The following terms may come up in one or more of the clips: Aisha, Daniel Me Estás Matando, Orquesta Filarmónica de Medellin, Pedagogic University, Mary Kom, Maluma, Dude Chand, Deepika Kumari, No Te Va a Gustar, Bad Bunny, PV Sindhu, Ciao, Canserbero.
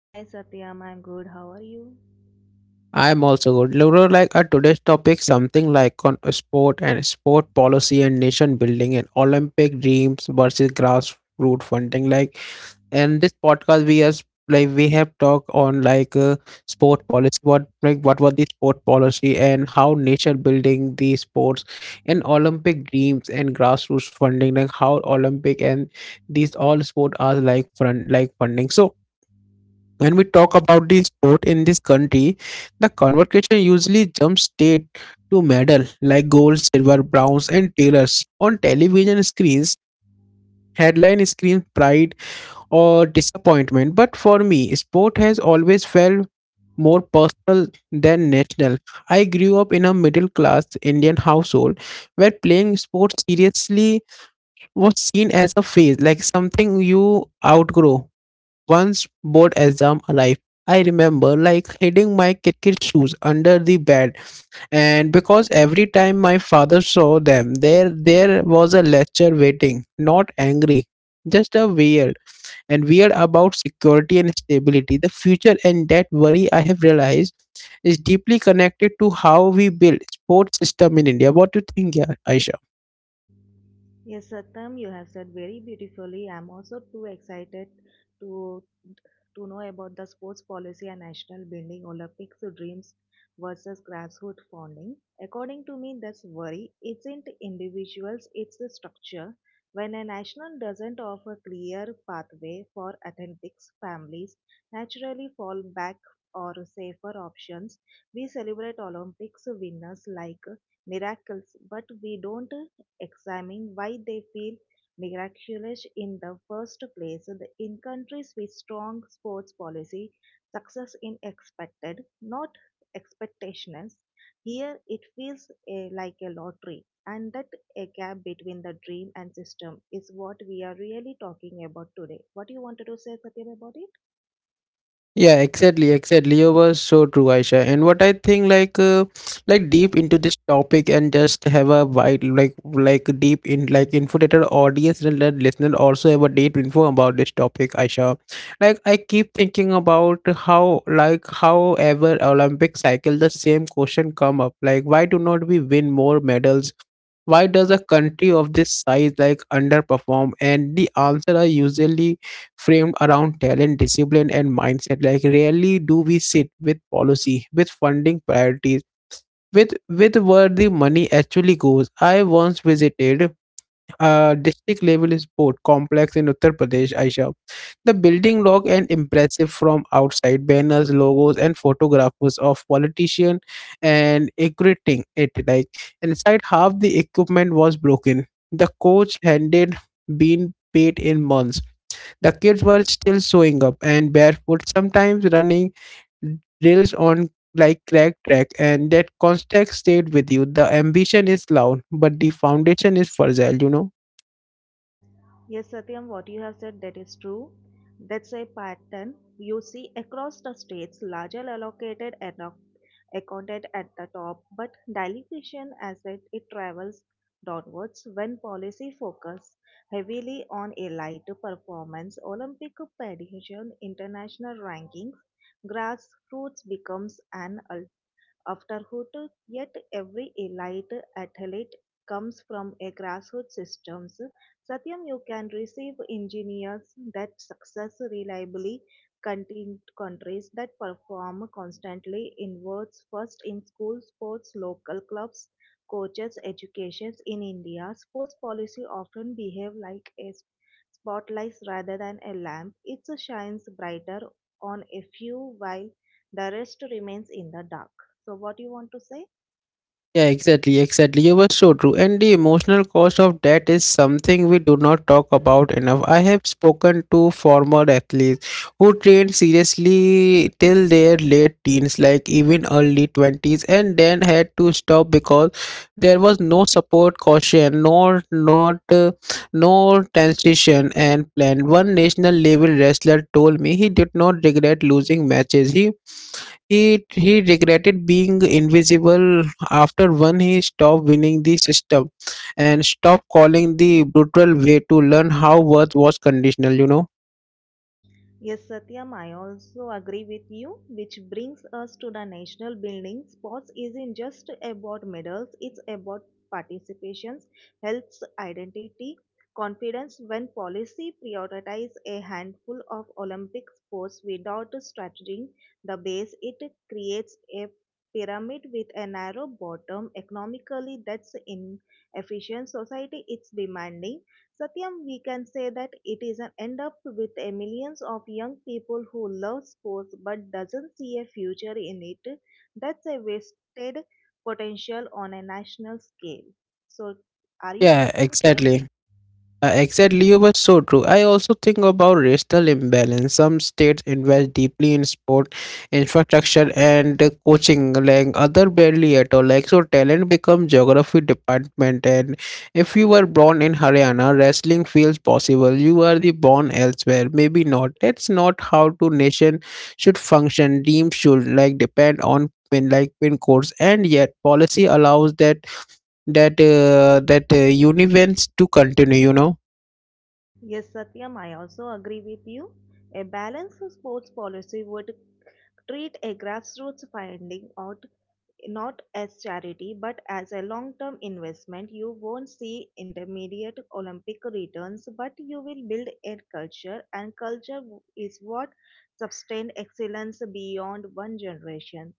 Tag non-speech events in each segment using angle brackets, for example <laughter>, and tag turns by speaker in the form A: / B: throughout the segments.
A: Hi Satyam, I'm good. How are you?
B: I am also good. Laura, like our today's topic something like on sport and sport policy and nation building and Olympic dreams versus grassroots funding. Like and this podcast we as like we have talked on like sport policy what like what was the sport policy and how nature building the sports and Olympic dreams and grassroots funding like how Olympic and these all sport are like front like funding so when we talk about the sport in this country, the conversation usually jumps straight to medal like gold, silver, bronze and tailors on television screens, headline screams pride or disappointment. But for me, sport has always felt more personal than national. I grew up in a middle class Indian household where playing sports seriously was seen as a phase, like something you outgrow. Once board exam arrived, I remember like hiding my cricket shoes under the bed, and because every time my father saw them, there was a lecture waiting, not angry, just a weird and weird about security and stability. The future and that worry I have realized is deeply connected to how we build sports system in India. What do you think, yeah, Aisha?
A: Yes, Satam, you have said very beautifully. I'm also too excited to to know about the sports policy and national building Olympics dreams versus grassroots funding. According to me, that's worry. Isn't individuals, it's the structure. When a national doesn't offer clear pathway for athletics, families naturally fall back or safer options. We celebrate Olympics winners like miracles, but we don't examine why they feel miraculous in the first place. In countries with strong sports policy, success is expected, not expectations. Here it feels like a lottery, and that a gap between the dream and system is what we are really talking about today. What you wanted to say, Satyam, about it?
B: Yeah, exactly, exactly. You were so true, Aisha. And what I think, like deep into this topic, and just have a wide, like deep in, like, info that our audience and let listener also have a deep info about this topic, Aisha. Like, I keep thinking about how, like, however Olympic cycle, the same question come up. Like, why do not we win more medals? Why does a country of this size like underperform? And the answer are usually framed around talent, discipline, and mindset. Like rarely do we sit with policy, with funding priorities, with where the money actually goes. I once visited a district level sport complex in Uttar Pradesh, Aisha. The building looked and impressive from outside. Banners, logos, and photographs of politicians and equating it like inside half the equipment was broken. The coach handed been paid in months, the kids were still showing up and barefoot, sometimes running drills on like crack track, and that context stayed with you. The ambition is loud, but the foundation is fragile.
A: Yes, Satyam, what you have said that is true. That's a pattern you see across the states. Larger allocated enough accounted at the top, but dilution as it travels downwards when policy focus heavily on elite performance, Olympic pageant, international rankings, grassroots becomes an Afterhood, yet every elite athlete comes from a grassroots systems. Satyam, you can receive engineers that success reliably countries that perform constantly inwards first in school sports, local clubs, coaches, educations in India. Sports policy often behave like a spotlight rather than a lamp. It shines brighter on a few while the rest remains in the dark. So, what you want to say?
B: Yeah, exactly, exactly. You were so true. And the emotional cost of that is something we do not talk about enough. I have spoken to former athletes who trained seriously till their late teens, like even early 20s, and then had to stop because there was no support, caution, nor not no transition and plan. One national level wrestler told me he did not regret losing matches. He regretted being invisible after one, he stopped winning, the system and stopped calling, the brutal way to learn how worth was conditional.
A: Yes, Satyam, I also agree with you, which brings us to the national building. Sports isn't just about medals, it's about participations, health, identity, confidence. When policy prioritizes a handful of Olympic sports without strategy, the base, it creates a pyramid with a narrow bottom. Economically, that's inefficient. Society, it's demanding Satyam, we can say that it is an end up with a millions of young people who love sports but doesn't see a future in it. That's a wasted potential on a national scale. So, are you
B: Yeah,
A: agree with me?
B: exactly. Exactly, you were so true. I also think about racial imbalance. Some states invest deeply in sport infrastructure and coaching, like other barely at all. Like so, talent becomes geography department, and if you were born in Haryana, wrestling feels possible. You are the born elsewhere, maybe not. That's not how two nation should function. Teams should like depend on pin like pin codes, and yet policy allows that universe to continue. You know.
A: Yes, Satyam, I also agree with you. A balanced sports policy would treat a grassroots finding out not as charity but as a long term investment. You won't see intermediate Olympic returns, but you will build a culture, and culture is what sustains excellence beyond one generation.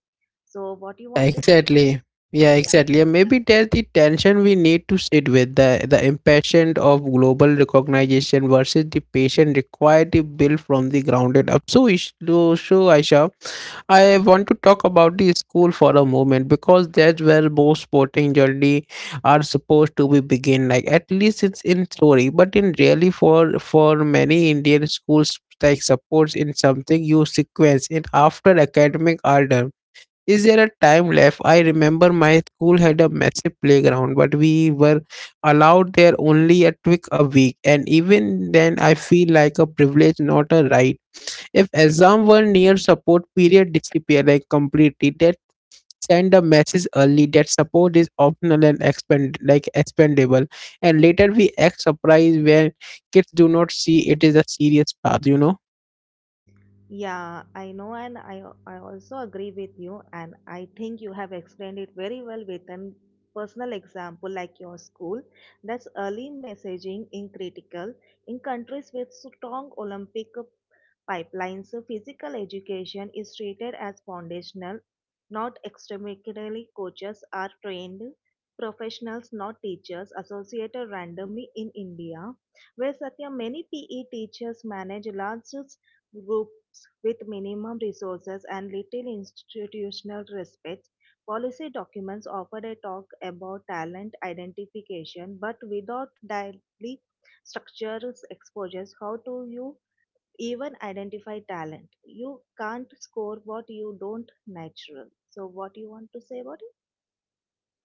A: So, what you want to say?
B: Exactly. Yeah,
A: Yeah,
B: exactly. And maybe that's the tension we need to sit with, the impatient of global recognition versus the patient required to build from the grounded up. So, Aisha, I want to talk about the school for a moment because that's where most sporting journey are supposed to be begin. Like at least it's in theory, but in really for many Indian schools like supports in something you sequence in after academic order, is there a time left? I remember my school had a massive playground, but we were allowed there only a twig a week, and even then, I feel like a privilege, not a right. If exam were near, support period disappeared like completely. That send a message early that support is optional and expend like expendable, and later we act surprised when kids do not see it is a serious path. You know.
A: yeah, I know, and I also agree with you, and I think you have explained it very well with an personal example like your school. That's early messaging in critical in countries with strong Olympic pipelines. So physical education is treated as foundational, not extremely coaches are trained professionals, not teachers, associated randomly in India, where Satya many PE teachers manage large groups with minimum resources and little institutional respect. Policy documents offered a talk about talent identification, but without directly structures exposures. How do you even identify talent you can't score what you don't natural so what you want to say about it?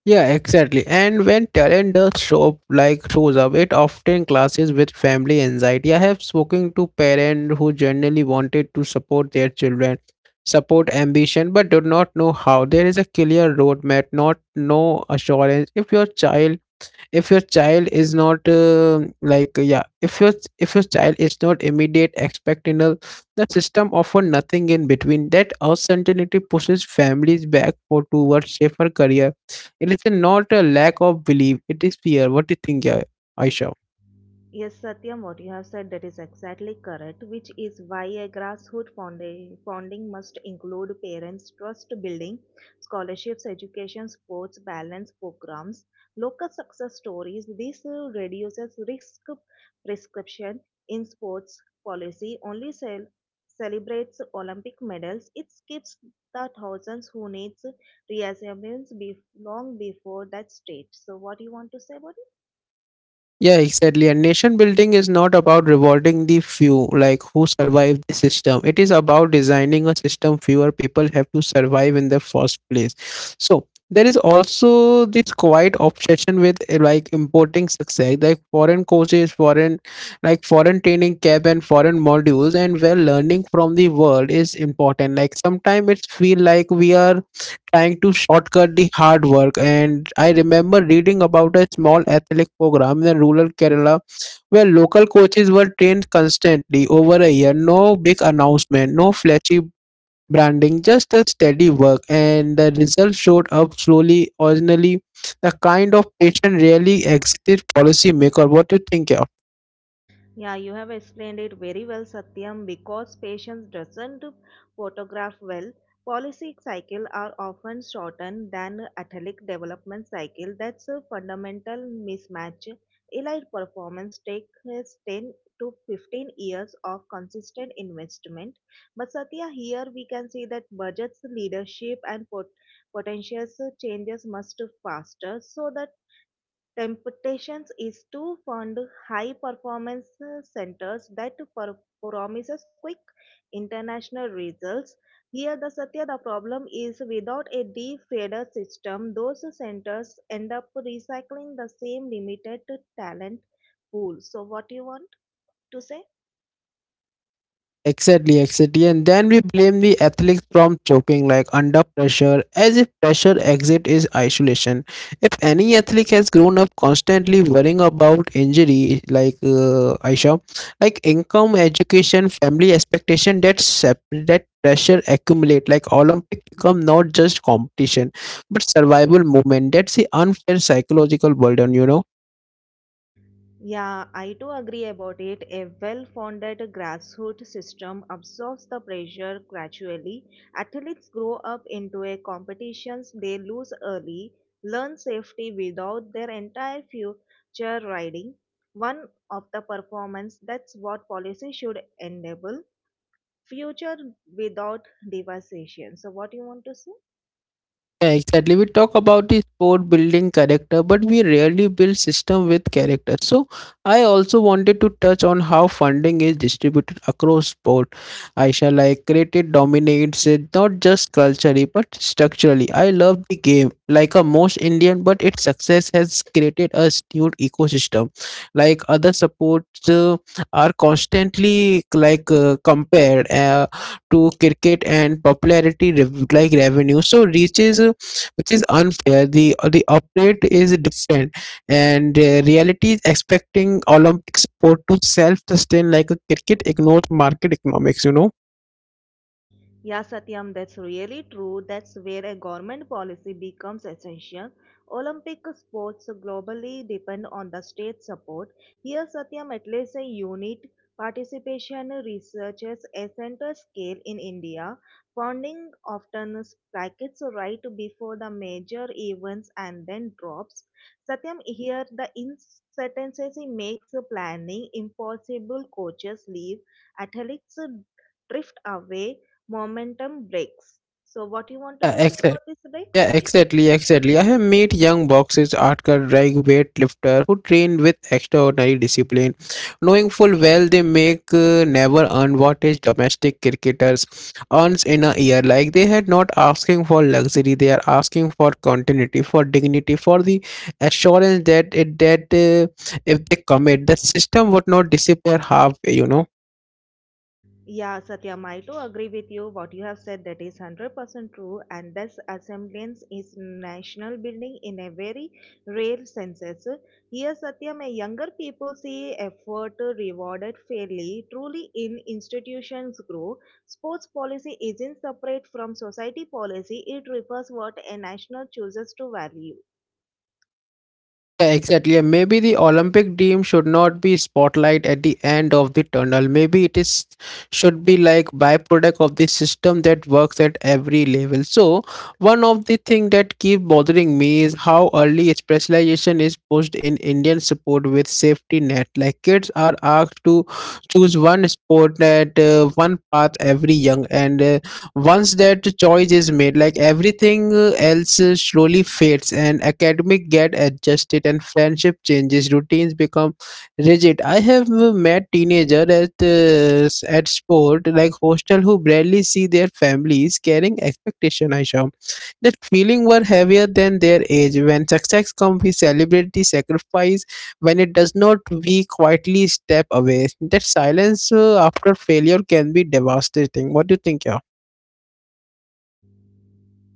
B: Yeah, exactly. And when talent does show up, like shows up, it often clashes with family anxiety. I have spoken to parents who generally wanted to support their children, support ambition, but do not know how. There is a clear roadmap, not no assurance. If your child is not yeah if your child is not immediate expectant, the system offer nothing in between. That uncertainty pushes families back for towards safer career. It is not a lack of belief, it is fear. What do you think, yeah, aisha?
A: Yes, Satyam, what you have said that is exactly correct, which is why a grassroots founding must include parents' trust building, scholarships, education, sports, balance programs, local success stories. This reduces risk prescription in sports policy, only celebrates Olympic medals. It skips the thousands who needs reassurance long before that stage. So, what do you want to say about it?
B: Yeah, exactly. And nation building is not about rewarding the few, like who survive the system. It is about designing a system fewer people have to survive in the first place. So there is also this quiet obsession with like importing success, like foreign courses, foreign training camp and foreign modules, and where learning from the world is important. Like sometimes it's feel like we are trying to shortcut the hard work. And I remember reading about a small athletic program in rural Kerala where local coaches were trained constantly over a year. No big announcement, no flashy branding, just a steady work. And the results showed up slowly, originally. The kind of patient really exited policymaker. What do you think? Yeah?
A: Yeah, you have explained it very well, Satyam. Because patients doesn't photograph well, policy cycle are often shortened than athletic development cycle. That's a fundamental mismatch. Elite performance takes 10 to 15 years of consistent investment. But Satya, here we can see that budgets, leadership, and potentials changes must faster so that Temptations is to fund high performance centers that promises quick international results. Here the Satya the problem is without a deep feeder system, those centers end up recycling the same limited talent pool. So what you want to say?
B: Exactly, exactly. And then we blame the athletes from choking like under pressure, as if pressure exit is isolation. If any athlete has grown up constantly worrying about injury, like Aisha, like income, education, family expectation, that pressure accumulate like Olympic become not just competition, but survival movement. That's the unfair psychological burden.
A: Yeah, I do agree about it. A well founded grassroots system absorbs the pressure gradually. Athletes grow up into a competitions they lose early, learn safety without their entire future riding. One of the performance that's what policy should enable future without devastation. So what you want to say?
B: Yeah, exactly. We talk about the sport building character, but we rarely build system with character. So I also wanted to touch on how funding is distributed across sport. Aisha, like cricket dominates it not just culturally but structurally. I love the game like a most Indian, but its success has created a skewed ecosystem. Like other sports are constantly like compared. To cricket and popularity revenue. So reaches, which is unfair. The update is different, and reality is expecting Olympic sport to self sustain like a cricket ignores market economics. You know.
A: Yeah, Satyam, that's really true. That's where a government policy becomes essential. Olympic sports globally depend on the state support. Here, Satyam, at least a unit participation researches a center scale in India. Funding often spikes right before the major events and then drops. Satyam, here the uncertainty makes planning impossible. Coaches leave, athletes drift away momentum breaks. So, what you wanted
B: Yeah,
A: to say
B: ex-
A: about this breaks?
B: Yeah, exactly, exactly. I have met young boxers, hardcore drag weightlifter who train with extraordinary discipline, knowing full well they make never earn what is domestic cricketers earns in a year. Like they had not asking for luxury, they are asking for continuity, for dignity, for the assurance that if they commit, the system would not disappear halfway. You know.
A: Yeah, Satyam, I too agree with you. What you have said that is 100% true, and this assemblance is national building in a very rare senses. Here, Satyam, a younger people see effort rewarded fairly. Truly, in institutions grow, sports policy isn't separate from society policy. It refers what a national chooses to value.
B: Yeah,
A: Correct?
B: exactly. And maybe the Olympic dream should not be spotlight at the end of the tunnel. Maybe it is should be like byproduct of the system that works at every level. So one of the thing that keep bothering me is how early specialization is pushed in Indian sport with safety net. Like kids are asked to choose one sport at one path every young, and once that choice is made, like everything else slowly fades, and academic get adjusted, and friendship changes, routines become rigid. I have met teenager at sport like hostel who barely see their families carrying expectation. I show that feeling were heavier than their age. When success comes, we celebrate the sacrifice. When it does not, we quietly step away. That silence after failure can be devastating. What do you think, yeah?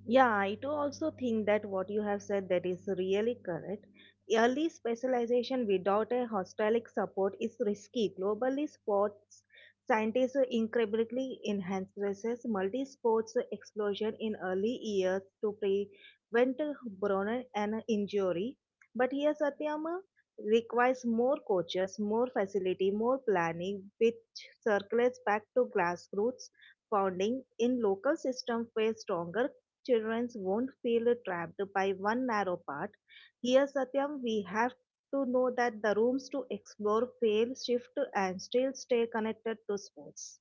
A: Yeah, I too also think that what you have said that is really correct. Early specialization without a holistic support is risky. Globally, sports scientists incredibly enhances multi-sports explosion in early years to prevent burnout and injury. But here, Satyam requires more coaches, more facility, more planning, which circles back to grassroots founding in local system face stronger children won't feel trapped by one narrow path. Here, Satyam, we have to know that the rooms to explore, fail, shift, and still stay connected to sports.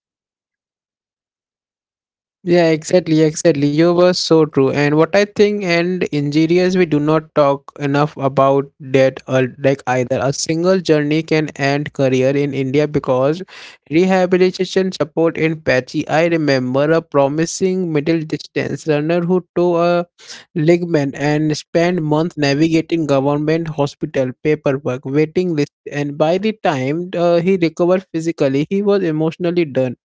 B: Yeah, exactly, exactly. You were so true. And what I think and injurious, we do not talk enough about that like either. A single journey can end career in India because rehabilitation support in patchy. I remember a promising middle distance runner who tore a ligament and spent months navigating government hospital paperwork, waiting list, and by the time he recovered physically, he was emotionally done.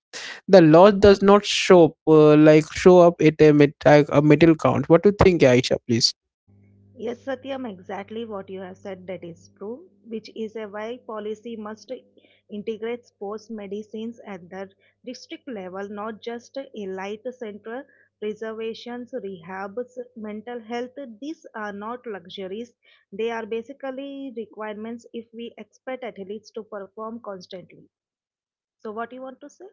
B: The loss does not show up, like show up at a, met- a middle count. What do you think, Aisha? Please.
A: Yes, Satyam, exactly what you have said that is true, which is a why policy must integrate sports medicines at the district level, not just elite center preservations, rehabs, mental health. These are not luxuries. They are basically requirements if we expect athletes to perform constantly. So what you want to say?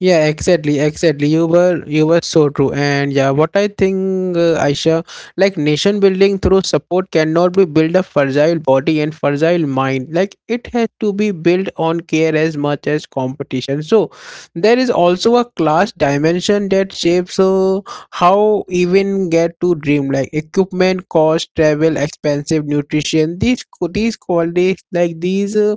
B: Yeah, exactly, exactly. You were so true, and yeah, what I think, Aisha, like nation building through support cannot be build a fragile body and fragile mind. Like it has to be built on care as much as competition. So there is also a class dimension that shapes how even get to dream. Like equipment, cost, travel, expensive nutrition. These qualities, like these. Uh,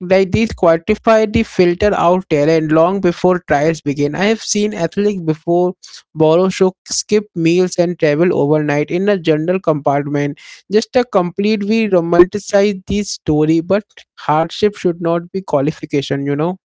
B: like these quantify the filter out talent long before trials begin. I have seen athletes before borrow show skip meals and travel overnight in a general compartment. Just a complete we romanticize this story, but hardship should not be qualification, you know.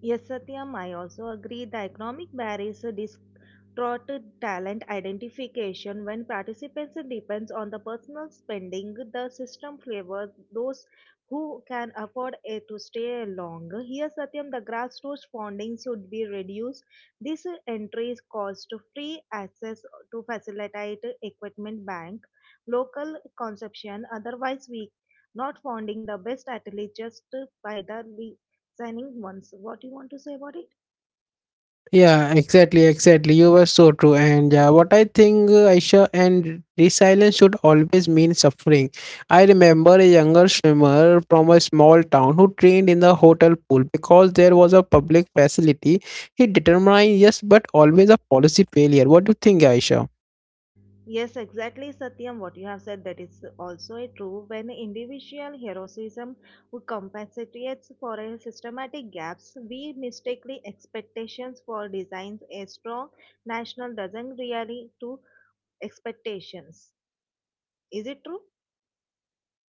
A: Yes, Satyam, I also agree. The economic barriers distort talent identification when participants depends on the personal spending. The system favors those who can afford it to stay long. Here, Satyam, the grassroots funding should be reduced. This entries cost free access to facilitate equipment bank, local consumption. Otherwise, we not funding the best athletes just by the signing once. What you want to say about it?
B: Yeah, exactly. You were so true. And what I think, Aisha, and resilience should always mean suffering. I remember a younger swimmer from a small town who trained in the hotel pool because there was a public facility. He determined yes, but always a policy failure. What do you think, Aisha?
A: Yes, exactly, Satyam. What you have said that is also a true when individual heroism would compensates for a systematic gaps. We mistakenly expectations for designs. A strong national doesn't really to expectations. Is it true?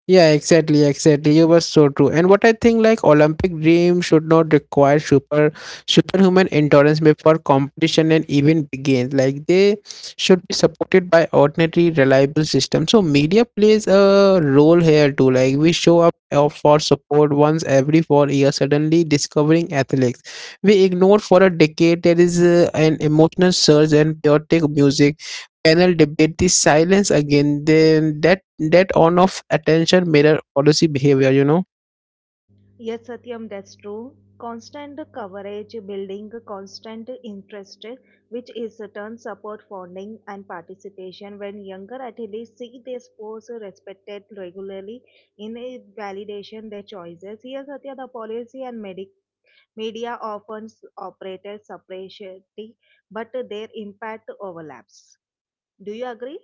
B: Yeah, exactly. You were so true. And what I think, like, Olympic dream should not require superhuman endurance before competition and even begins. Like they should be supported by ordinary, reliable system. So media plays a role here too. Like we show up for support once every 4 years. Suddenly discovering athletics, we ignore for a decade. There is an emotional surge and chaotic music panel debate the silence again, then that on-off attention mirror policy behavior, you know.
A: Yes, Satyam, that's true. Constant coverage building constant interest, which is turn support funding and participation. When younger athletes see their sports respected regularly in a validation their choices. Here, Satya, the policy and medic media often operated separately, but their impact overlaps. Do you agree?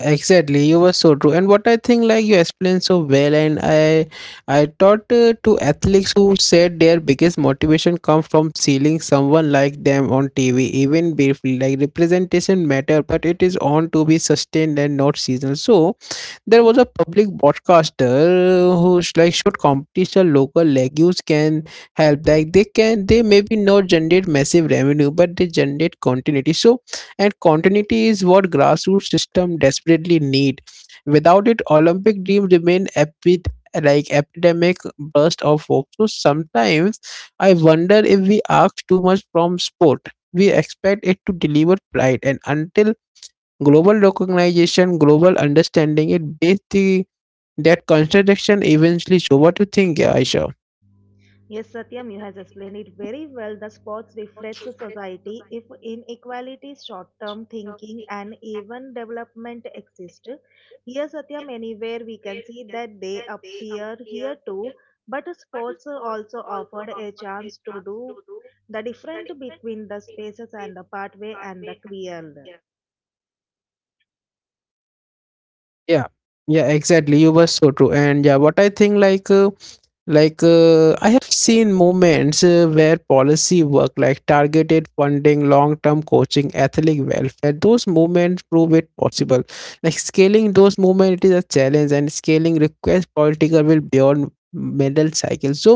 B: Exactly, you were so true. And what I think, like you explained so well, and I thought to athletes who said their biggest motivation comes from seeing someone like them on TV, even briefly. Like representation matter, but it is on to be sustained and not seasonal. So there was a public broadcaster who's like should competition local legumes can help like they maybe not generate massive revenue but they generate continuity, so and continuity is what grassroots system desperately need without it olympic dreams remain epidemic burst of hope, so sometimes I wonder if we ask too much from sport. We expect it to deliver pride and until global recognition, global understanding, that contradiction eventually. So, what you think, yeah, Aisha?
A: Yes, Satyam, you has explained it very well. The sports reflects a society if inequality, short-term thinking, and even development exist. Here, Satyam, anywhere we can see that they appear here too. But sports also offered a chance to do the different between the spaces and the pathway and the clear.
B: Yeah, yeah, exactly. You were so true. And yeah, what I think, I have seen moments where policy work, like targeted funding, long term coaching, athletic welfare, those movements prove it possible. Like, scaling those movements it is a challenge, and scaling requires political will beyond medal cycle. So,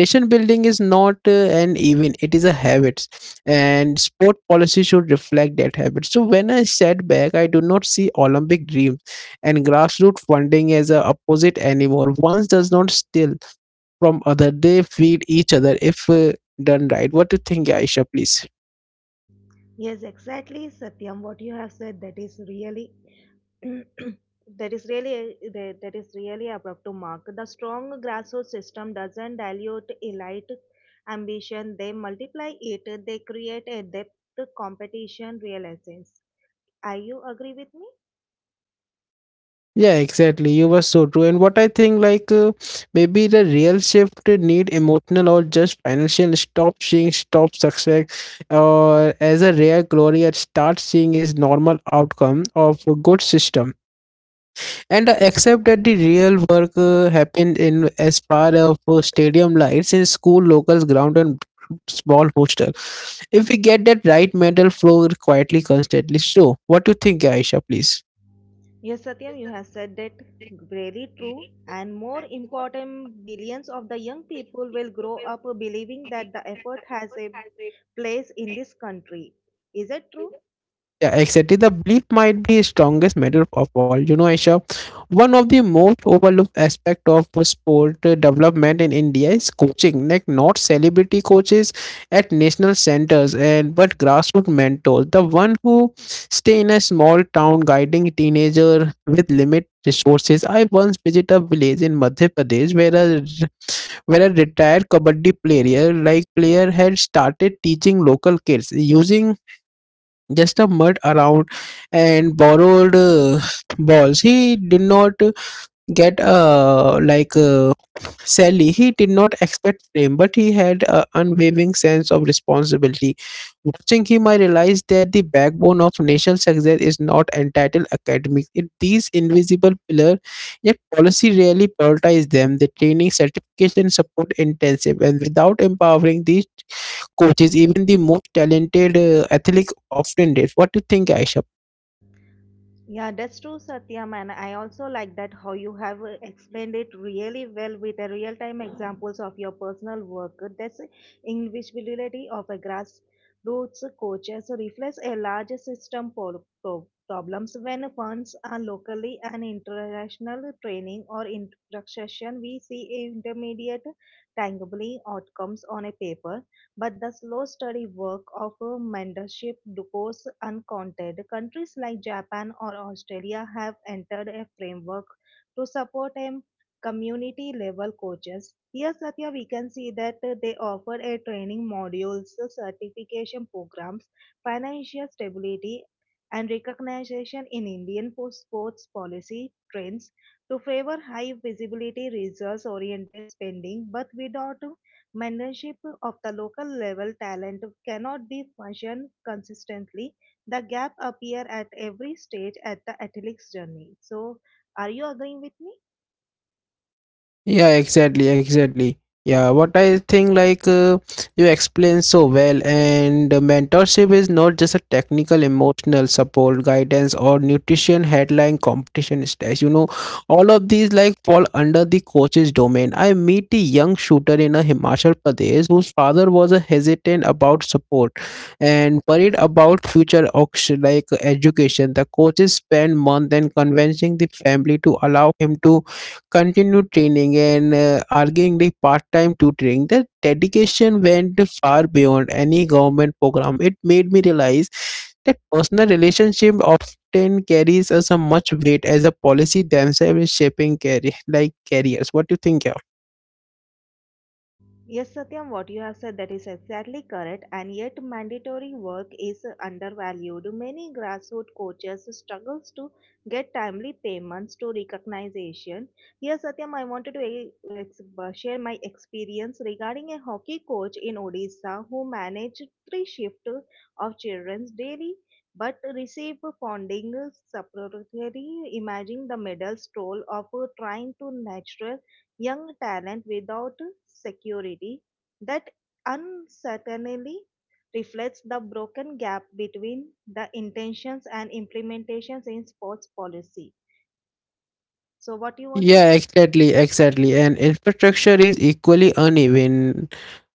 B: nation building is not an event, it is a habit, and sport policy should reflect that habit. So, when I sat back, I do not see Olympic dreams and grassroots funding as a opposite anymore. Once does not still from other. They feed each other if done right. What do you think, Aisha? Please.
A: Yes, exactly, Satyam. What you have said that is really <clears throat> that is really that is really abrupt to mark the strong grassroots system doesn't dilute elite ambition they multiply it they create a depth competition real essence are you agree with me
B: Yeah, exactly. You were so true. And what I think, maybe the real shift need emotional or just financial. Stop success, or as a rare glory, and start seeing is normal outcome of a good system. And I accept that the real work happened in as part of stadium lights in school locals ground and small hostel. If we get that right mental flow quietly, constantly. So what do you think, Aisha? Please.
A: yes satyam you have said that really true and more important billions of the young people will grow up believing that the effort has a place in this country is it true?
B: Yeah, exactly. The belief might be strongest matter of all. You know, Aisha, one of the most overlooked aspect of sport development in India is coaching. Like not celebrity coaches at national centers and but grassroots mentors. The one who stay in a small town guiding teenager with limited resources. I once visited a village in Madhya Pradesh where a retired kabaddi player had started teaching local kids using just a mud around and borrowed balls. He did not get sally. He did not expect fame, but he had an unwavering sense of responsibility. Watching him, I realized that the backbone of national success is not entitled academics, it these invisible pillars. Yet policy rarely prioritizes them, the training certification support intensive, and without empowering these coaches even the most talented athlete often did. What do you think, Aisha?
A: Yeah, that's true, Satyam, and I also like that how you have explained it really well with the real-time examples of your personal work. That's invisibility of a grassroots coaches reflects a larger system problems when funds are locally and international training or instruction. We see intermediate, tangibly outcomes on a paper, but the slow steady work of a mentorship goes uncounted. Countries like Japan or Australia have entered a framework to support a community level coaches. Here, Satya, we can see that they offer a training modules, certification programs, financial stability, and recognition in Indian sports policy trends to favor high visibility results oriented spending, but without Mentorship of the local level talent cannot be functioned consistently. The gap appear at every stage at the athlete's journey. So, are you agreeing with me?
B: Yeah, exactly. Yeah, what I think you explain so well, and mentorship is not just a technical, emotional support, guidance, or nutrition headline competition stage. You know, all of these like fall under the coaches domain. I meet a young shooter in a Himachal Pradesh whose father was a hesitant about support and worried about future auction like education. The coaches spend months in convincing the family to allow him to continued training and arguing the part-time tutoring. The dedication went far beyond any government program. It made me realize that personal relationship often carries as a much weight as a policy themselves is shaping carry like careers. What do you think? Yeah?
A: Yes, Satyam, what you have said that is exactly correct, and yet mandatory work is undervalued. Many grassroots coaches struggles to get timely payments to recognition. Here, Satyam, I wanted to share my experience regarding a hockey coach in Odisha who managed 3 shifts of children's daily but receive funding separately. Imagine the medal stroll of trying to nurture young talent without security. That uncertainty reflects the broken gap between the intentions and implementations in sports policy. So, what you want to
B: Yeah,
A: say?
B: exactly, exactly. And infrastructure is equally uneven.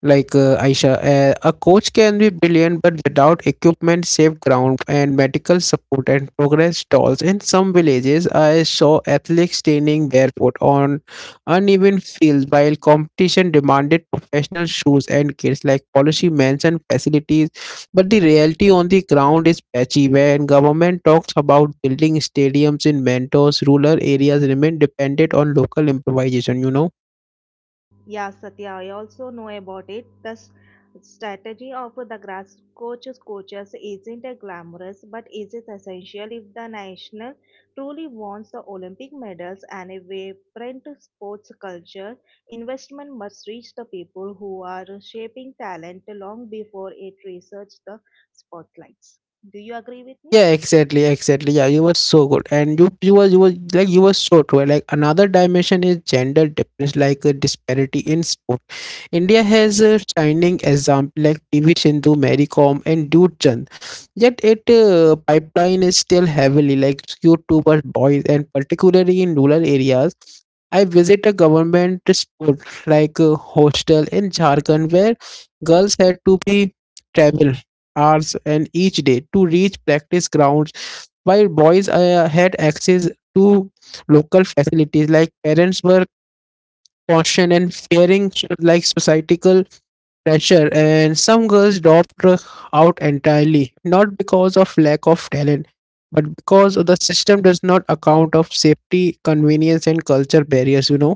B: Like Aisha, a coach can be brilliant, but without equipment, safe ground, and medical support, and progress stalls. In some villages, I saw athletes training barefoot on uneven fields, while competition demanded professional shoes and kits. Like policy mentioned, facilities but the reality on the ground is patchy. When government talks about building stadiums in mentors, rural areas remain dependent on local improvisation, you know.
A: Yeah, Satya, I also know about it. The strategy of the grass coaches isn't glamorous, but is it essential if the national truly wants the Olympic medals and a vibrant sports culture, investment must reach the people who are shaping talent long before it reaches the spotlights. Do you agree with me?
B: Yeah, exactly. Yeah, you were so good, and you were so true. Like another dimension is gender difference, like a disparity in sport. India has a shining example like PV Sindhu, Mary Kom, and Dude Chand. Yet, it pipeline is still heavily like skewed towards boys, and particularly in rural areas. I visit a government sport like a hostel in Jharkhand where girls had to be travel hours and each day to reach practice grounds while boys had access to local facilities. Like parents were cautioned and fearing like societal pressure, and some girls dropped out entirely, not because of lack of talent but because the system does not account of safety, convenience and culture barriers, you know.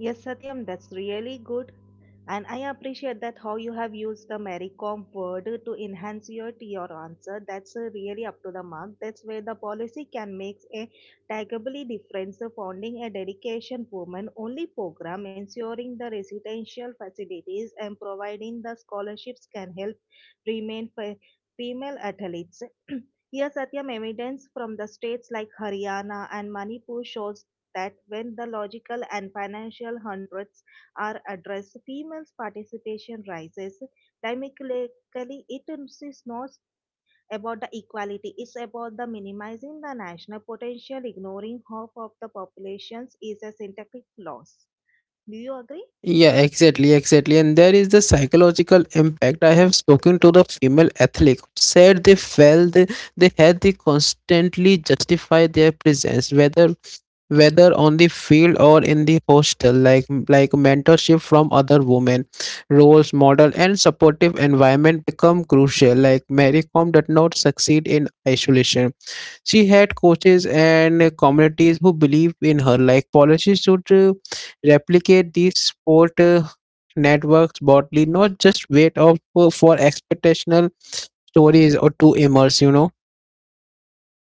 A: Yes, Satyam, that's really good. And I appreciate that how you have used the Maricom word to enhance your answer. That's really up to the mark. That's where the policy can make a tangibly difference. The Founding a dedication woman only program, ensuring the residential facilities and providing the scholarships can help remain fe- female athletes. <clears throat> Here, Satyam, evidence from the states like Haryana and Manipur shows that when the logical and financial hundreds are addressed, females' participation rises. Dynamically, it is not about the equality, it's about the minimizing the national potential, ignoring half of the populations is a synthetic loss. Do you agree?
B: Yeah, exactly. And there is the psychological impact. I have spoken to the female athlete who said they felt they had to constantly justify their presence, whether on the field or in the hostel, like mentorship from other women, roles, model, and supportive environment become crucial. Like Mary Kom did not succeed in isolation. She had coaches and communities who believed in her, like policies should replicate these sport networks broadly, not just wait out for expectational stories or to immerse, you know.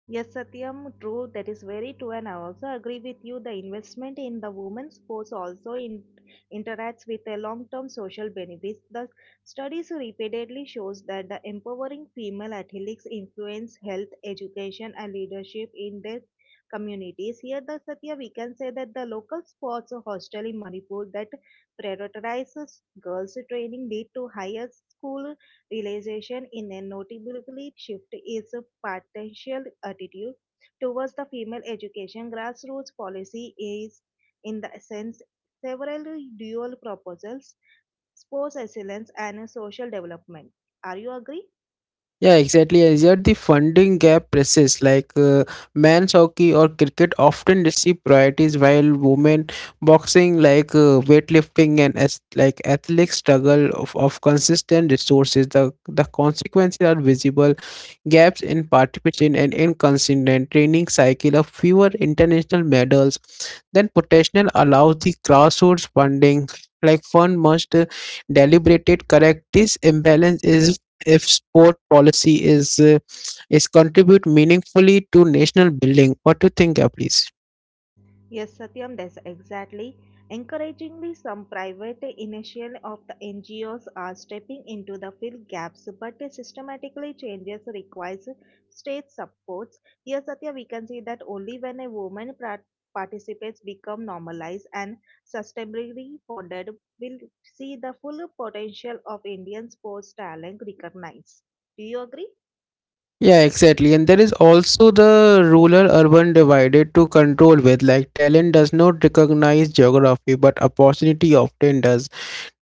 A: Yes, Satyam, true. That is very true, and I also agree with you. The investment in the women's sports interacts with a long-term social benefits. The studies repeatedly shows that the empowering female athletes influence health, education, and leadership in their communities. Here, the Satya, we can say that the local sports hostel in Manipur that prioritizes girls' training lead to higher school realization in a noticeably shift is a potential attitude towards the female education grassroots policy is in the sense several dual proposals sports excellence and social development are you agree?
B: Yeah, exactly. As yet, the funding gap persists. Like men's hockey or cricket often receive priorities, while women boxing, like weightlifting and as, like athletic struggle of consistent resources. The consequences are visible gaps in participation and inconsistent training cycle of fewer international medals than potential allows the grassroots funding like fund must deliberate correct this imbalance is if sport policy is contribute meaningfully to national building. What do you think, yeah, please?
A: Yes, Satyam, that's exactly. Encouragingly, some private initial of the NGOs are stepping into the fill gaps, but systematically changes requires state supports. Here, Satya, we can see that only when a participates become normalized and sustainably funded, will see the full potential of Indian sports talent recognized. Do you agree?
B: Yeah, exactly. And there is also the rural urban divided to control with. Like talent does not recognize geography, but opportunity often does.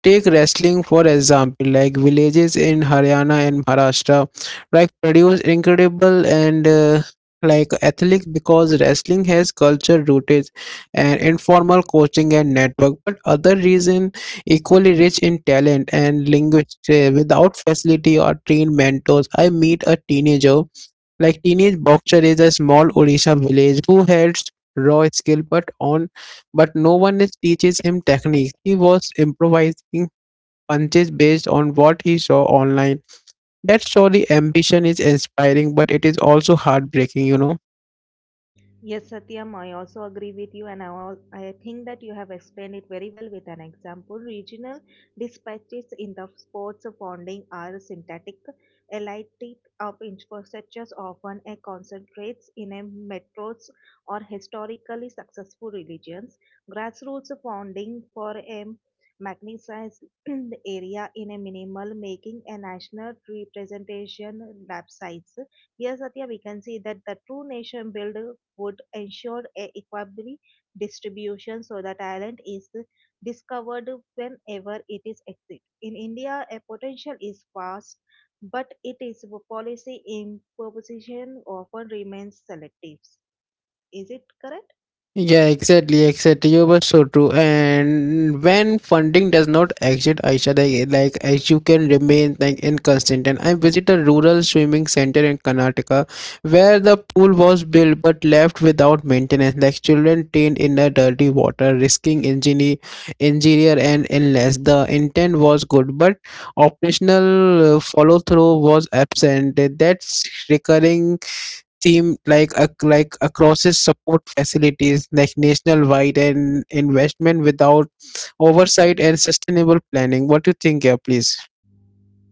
B: Take wrestling for example, like villages in Haryana and Maharashtra, like produce incredible and like athletes because wrestling has culture rooted and informal coaching and network. But other reason equally rich in talent and linguistics without facility or trained mentors. I meet a teenage boxer is a small Odisha village who has raw skill but no one is teaches him technique. He was improvising punches based on what he saw online. That story ambition is inspiring, but it is also heartbreaking, you know.
A: Yes, Satyam, I also agree with you, and I think that you have explained it very well with an example. Regional dispatches in the sports funding are synthetic, elite of infrastructures often a concentrates in a metros or historically successful religions. Grassroots funding for a magnetized <clears throat> area in a minimal making a national representation lab sites. Here, Satya, we can see that the true nation build would ensure a equable distribution so the talent is discovered whenever it is exist. In India, a potential is vast, but it is policy in proposition often remains selective. Is it correct?
B: Yeah, exactly. You were so true. And when funding does not exist, Aisha, they, like as you can remain like inconsistent. And I visit a rural swimming center in Karnataka, where the pool was built but left without maintenance. Like children trained in the dirty water, risking injury and illness. The intent was good, but operational follow through was absent. That's recurring seem like acrosses support facilities like national wide and investment without oversight and sustainable planning. What do you think, yeah, please?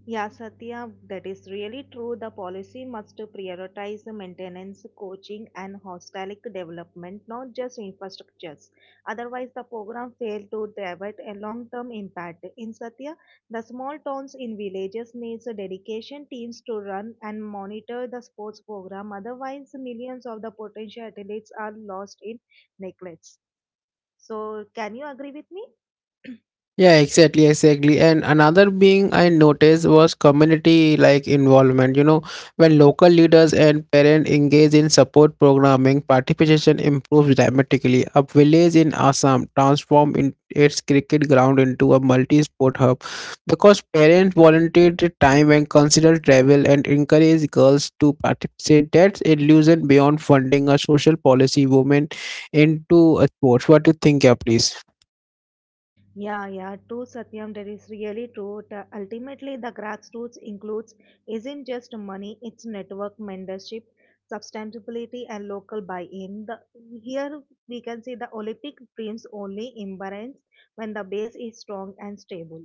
A: Yeah, Satya, that is really true. The policy must prioritize the maintenance, coaching, and holistic development, not just infrastructures. Otherwise, the program fails to deliver a long-term impact. In Satya, the small towns in villages needs a dedication teams to run and monitor the sports program. Otherwise, millions of the potential athletes are lost in neglect. So, can you agree with me?
B: Yeah, exactly. And another being I noticed was community like involvement. You know, when local leaders and parents engage in support programming, participation improves dramatically. A village in Assam transformed in its cricket ground into a multi-sport hub because parents volunteered their time and considered travel and encouraged girls to participate. That's illusion beyond funding a social policy women into a sports. What do you think, yeah, please?
A: Yeah, True, Satyam. That is really true. Ultimately, the grassroots includes isn't just money; it's network, mentorship, sustainability, and local buy-in. The, here we can see the Olympic dreams only imbalance when the base is strong and stable.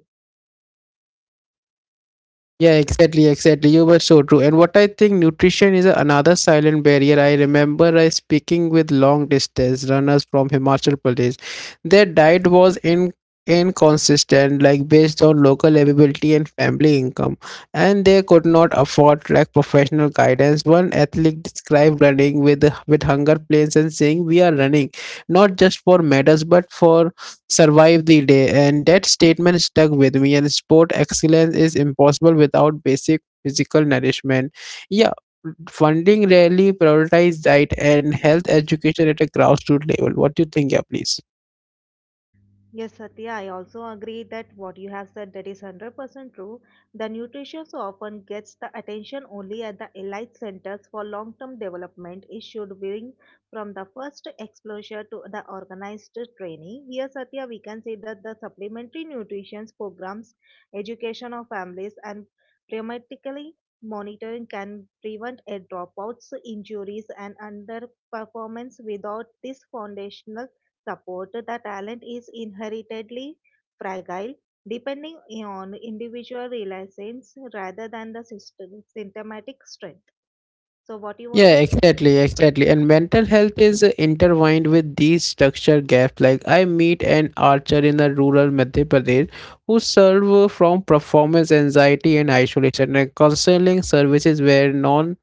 B: Yeah, exactly. You were so true. And what I think nutrition is another silent barrier. I remember I speaking with long distance runners from Himachal Pradesh. Their diet was in inconsistent, like based on local availability and family income, and they could not afford like professional guidance. One athlete described running with hunger pains and saying, "We are running not just for medals, but for." Survive the day, and that statement stuck with me, and sport excellence is impossible without basic physical nourishment, yeah. Funding rarely prioritizes diet and health education at a grassroots level. What do you think, yeah, please?
A: Yes, Satya, I also agree that what you have said that is 100% true. The nutrition so often gets the attention only at the elite centers for long-term development. It should bring from the first exposure to the organized training. Here, Satya, we can say that the supplementary nutrition programs, education of families and prematurely monitoring can prevent a dropouts, injuries and underperformance without this foundational support, the talent is inheritedly fragile, depending on individual resilience rather than the system, symptomatic strength. So, what you want to
B: Yeah,
A: say?
B: exactly, exactly. And mental health is intertwined with these structure gaps. Like I meet an archer in the rural Madhya Pradesh who suffer from performance anxiety and isolation. And counseling services were non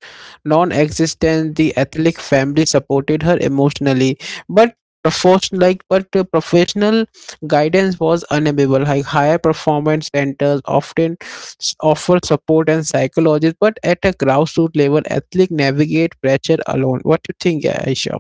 B: non-existent. The athletic family supported her emotionally, but professional guidance was unavailable. Like higher performance centers offer support and psychologists, but at a grassroots level, athletes navigate pressure alone. What do you think, yeah, Aisha?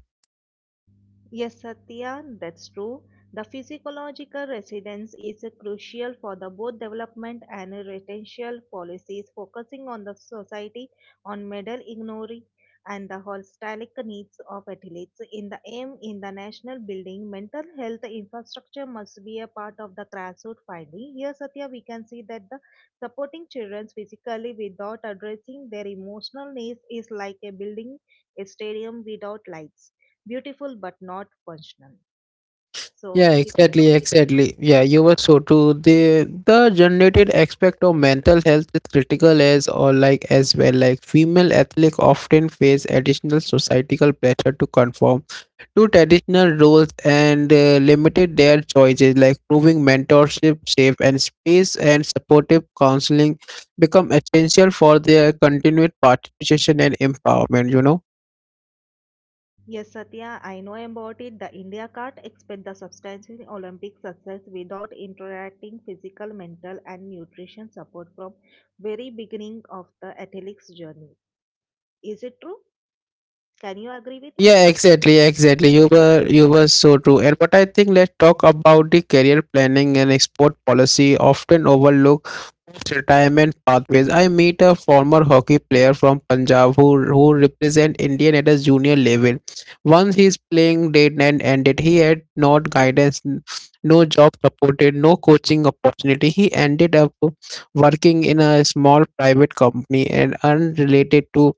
A: Yes, Satya, that's true. The physiological residence is crucial for the both development and retention policies, focusing on the society on medal ignory and the holistic needs of athletes. In the aim in the national building, mental health infrastructure must be a part of the grassroots finding. Here, Satya, we can see that the supporting children physically without addressing their emotional needs is like a building a stadium without lights, beautiful but not functional. So,
B: Yeah,
A: is it true?
B: exactly, exactly. Yeah, you were so true. The generated aspect of mental health is critical as well. Like female athletes often face additional societal pressure to conform to traditional roles and limited their choices like proving mentorship safe and space and supportive counseling become essential for their continued participation and empowerment.
A: Yes, Satya, I know about it. The India can't expect the substantial Olympic success without interacting physical, mental, and nutrition support from very beginning of the athlete's journey. Is it true? Can you agree with me?
B: Yeah, exactly. You were so true. And but I think let's talk about the career planning and export policy often overlook retirement pathways. I meet a former hockey player from Punjab who represent Indian at a junior level. Once his playing date and ended, he had no guidance, no job supported, no coaching opportunity. He ended up working in a small private company and unrelated to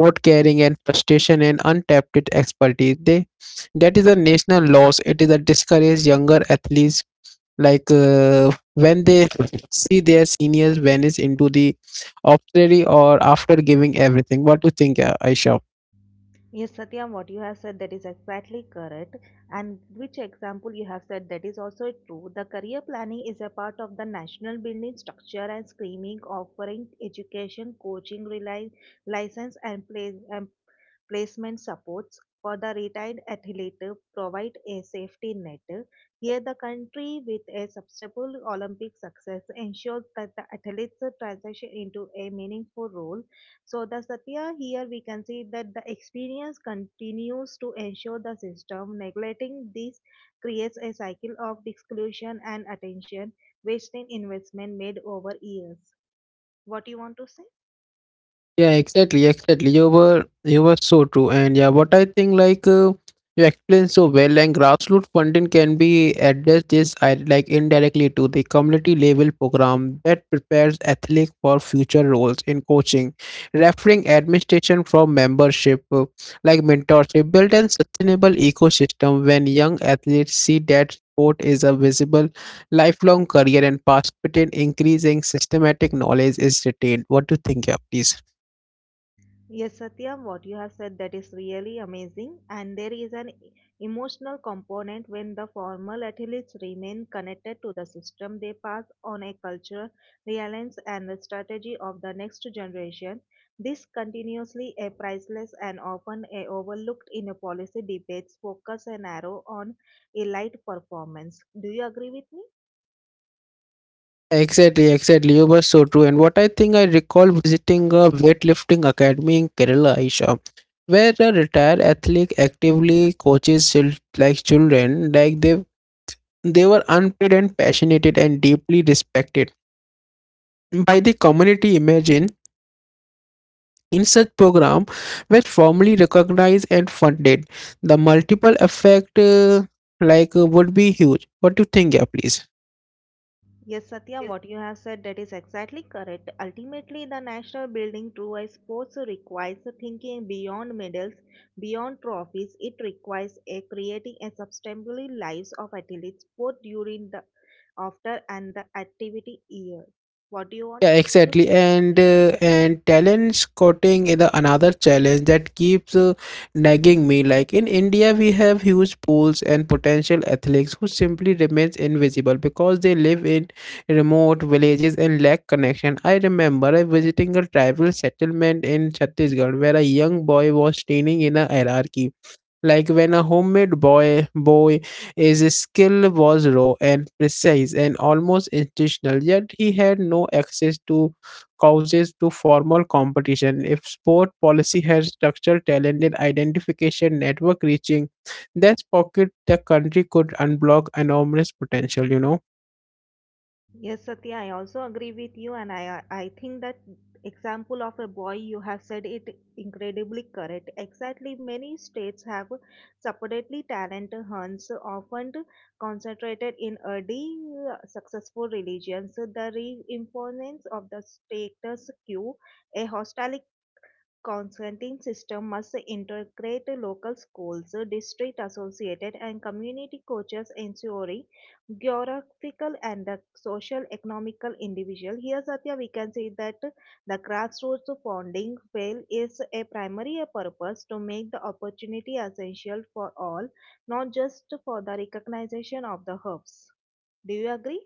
B: not caring and frustration and untapped expertise. They, that is a national loss. It is a discourage younger athletes when they see their seniors vanish into the obscurity or after giving everything. What do you think, Aisha?
A: Yes, Satyam, what you have said that is exactly correct, and which example you have said that is also true. The career planning is a part of the national building structure and screening, offering education, license, and placement supports for the retired athlete provide a safety net. Here, the country with a substantial Olympic success ensures that the athletes transition into a meaningful role. So, the Satya here we can see that the experience continues to ensure the system. Neglecting this creates a cycle of exclusion and attention, wasting investment made over years. What do you want to say?
B: Yeah, exactly. You were so true, and yeah, what I think you explained so well, and grassroots funding can be addressed this I like indirectly to the community level program that prepares athletes for future roles in coaching, referring administration from membership, mentorship, build and sustainable ecosystem when young athletes see that sport is a visible lifelong career and participate in increasing systematic knowledge is retained. What do you think, yeah, please?
A: Yes, Satyam, what you have said that is really amazing, and there is an emotional component when the formal athletes remain connected to the system. They pass on a culture, reliance, and the strategy of the next generation. This continuously a priceless and often a overlooked in a policy debates. Focus and arrow on elite performance. Do you agree with me?
B: Exactly, exactly. You were so true. And what I think I recall visiting a weightlifting academy in Kerala, Aisha, where a retired athlete actively coaches children, like they were unpaid and passionate and deeply respected by the community. Imagine in such program were formally recognized and funded. The multiple effect would be huge. What do you think, yeah, please?
A: Yes, Satya, what you have said that is exactly correct. Ultimately, the national building through a sports requires thinking beyond medals, beyond trophies. It requires a creating a sustainable lives of athletes both during the after and the activity year. What do you want
B: Yeah,
A: to
B: exactly.
A: say?
B: And talent scouting is the another challenge that keeps nagging me. Like in India, we have huge pools and potential athletes who simply remains invisible because they live in remote villages and lack connection. I remember I visiting a tribal settlement in Chhattisgarh where a young boy was training in a hierarchy like when a homemade boy his skill was raw and precise and almost intentional, yet he had no access to causes to formal competition. If sport policy had structured talent and identification network reaching that pocket, the country could unblock enormous potential.
A: Yes, Satya, I also agree with you, and I think that example of a boy you have said it incredibly correct. Exactly, many states have separately talent hunts, often concentrated in early successful religions. The reinforcement of the status quo, a hostile Consenting system must integrate local schools, district associated and community coaches ensuring geographical and the social economical individual. Here Satya we can see that the grassroots founding fail is a primary purpose to make the opportunity essential for all, not just for the recognition of the hubs. Do you agree?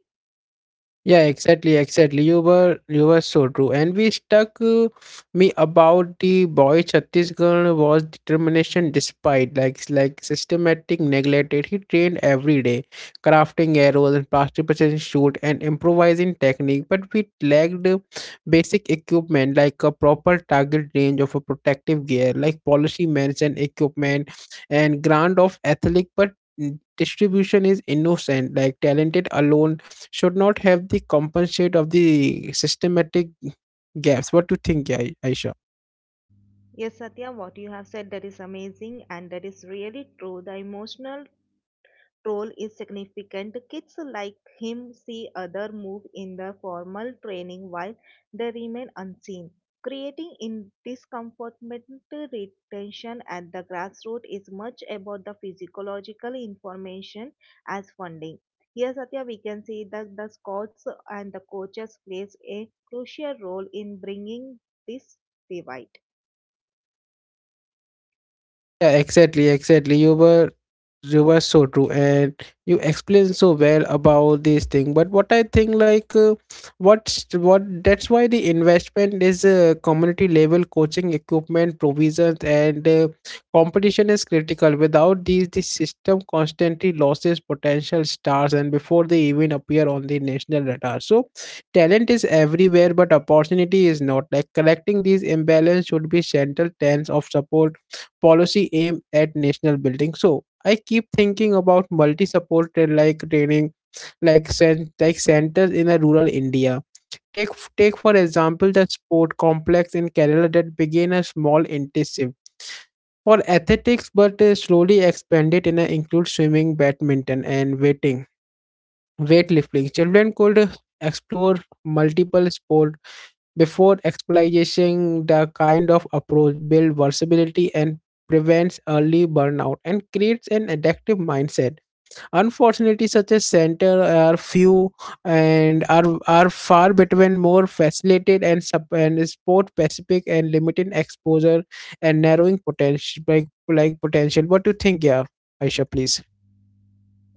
B: Yeah, exactly. You were so true, and we stuck me about the boy Chhattisgarh was determination despite like systematic neglected. He trained every day, crafting arrows and plastic precision shoot and improvising technique. But we lacked basic equipment like a proper target range of a protective gear, like policy mentioned equipment and ground of athletic, but distribution is innocent like talented alone should not have the compensate of the systematic gaps. What do you think, Aisha?
A: Yes, Satya, what you have said that is amazing and that is really true. The emotional role is significant. Kids like him see other move in the formal training while they remain unseen. Creating in discomfortment retention at the grassroots is much about the physiological information as funding. Here, Satya, we can see that the scouts and the coaches plays a crucial role in bringing this divide.
B: Yeah, exactly. You were so true, and you explained so well about this thing. But what I think, what's what that's why the investment is community level coaching equipment provisions and competition is critical. Without these, the system constantly loses potential stars, and before they even appear on the national radar. So, talent is everywhere, but opportunity is not. Like, collecting these imbalance should be central tense of support policy aim at national building. So I keep thinking about multi-supported like training, like centers in a rural India. Take take for example the sport complex in Kerala that began a small intensive for athletics, but slowly expanded and include swimming, badminton, and weighting weightlifting. Children could explore multiple sports before exploitation. The kind of approach builds versatility and prevents early burnout and creates an addictive mindset. Unfortunately, such a center are few and are far between more facilitated and, sport specific and limited exposure and narrowing potential like potential. What do you think, yeah, Aisha, please?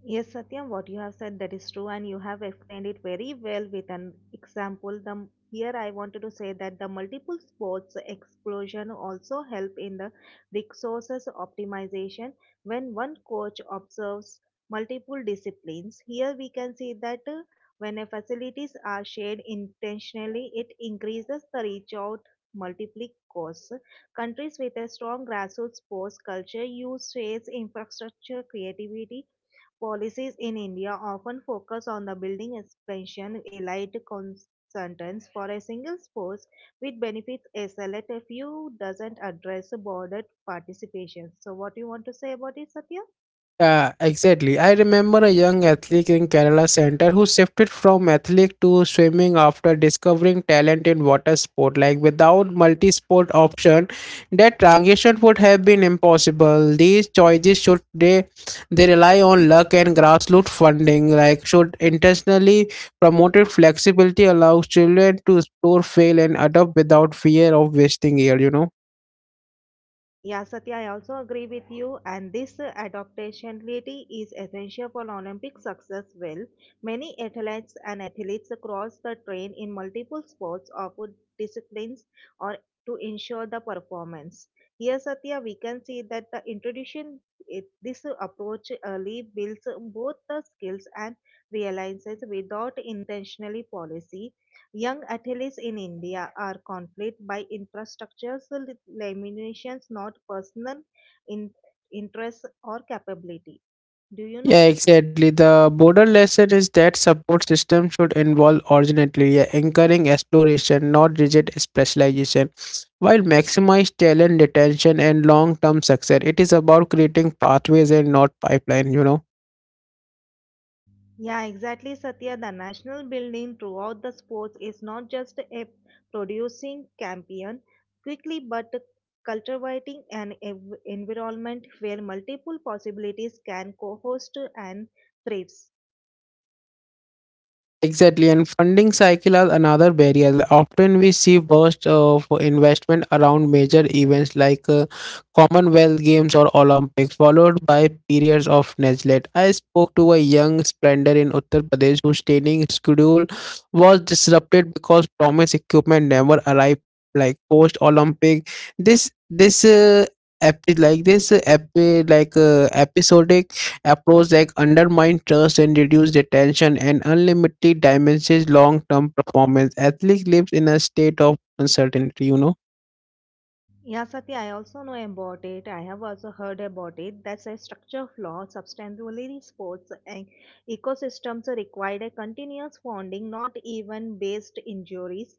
A: Yes, Satyam, what you have said that is true, and you have explained it very well with an example. The here I wanted to say that the multiple sports explosion also help in the resources optimization when one coach observes multiple disciplines. Here we can see that when a facilities are shared intentionally, it increases the reach out multiple costs. Countries with a strong grassroots sports culture use shares infrastructure creativity. Policies in India often focus on the building expansion, elite consultants for a single sports, which benefits a select few, doesn't address bordered participation. So, what do you want to say about it, Satya?
B: Yeah, exactly. I remember a young athlete in Kerala Center who shifted from athletics to swimming after discovering talent in water sport. Like without multi-sport option, that transition would have been impossible. These choices should they rely on luck and grassroots funding. Like should intentionally promoted flexibility allows children to explore, fail, and adapt without fear of wasting year.
A: Yeah, Satya, I also agree with you, and this adaptability is essential for Olympic success. Well, many athletes and athletes across the train in multiple sports or food disciplines or to ensure the performance. Here, Satya, we can see that the introduction it, this approach early builds both the skills and realizes without intentionally policy. Young athletes in India are conflicted by infrastructures limitations, not personal in- interests or capability. Do you know?
B: Yeah, exactly. The broader lesson is that support system should involve originality, yeah, encouraging exploration, not rigid specialization. While maximize talent retention and long-term success, it is about creating pathways and not pipeline.
A: Yeah, exactly, Satya. The national building throughout the sports is not just a producing champion quickly, but cultivating an environment where multiple possibilities can co-host and thrive.
B: Exactly, and funding cycle are another barrier. Often we see bursts of investment around major events like Commonwealth Games or Olympics, followed by periods of neglect. I spoke to a young sprinter in Uttar Pradesh whose training schedule was disrupted because promised equipment never arrived. Like post Olympic, this epi- like this epi- like episodic approach that undermine trust and reduce retention and unlimitedly damages long-term performance. Athlete lives in a state of uncertainty.
A: Yeah, Satya, I also know about it. I have also heard about it. That's a structure flaw. Substantially sports and ecosystems require a continuous funding, not even based injuries.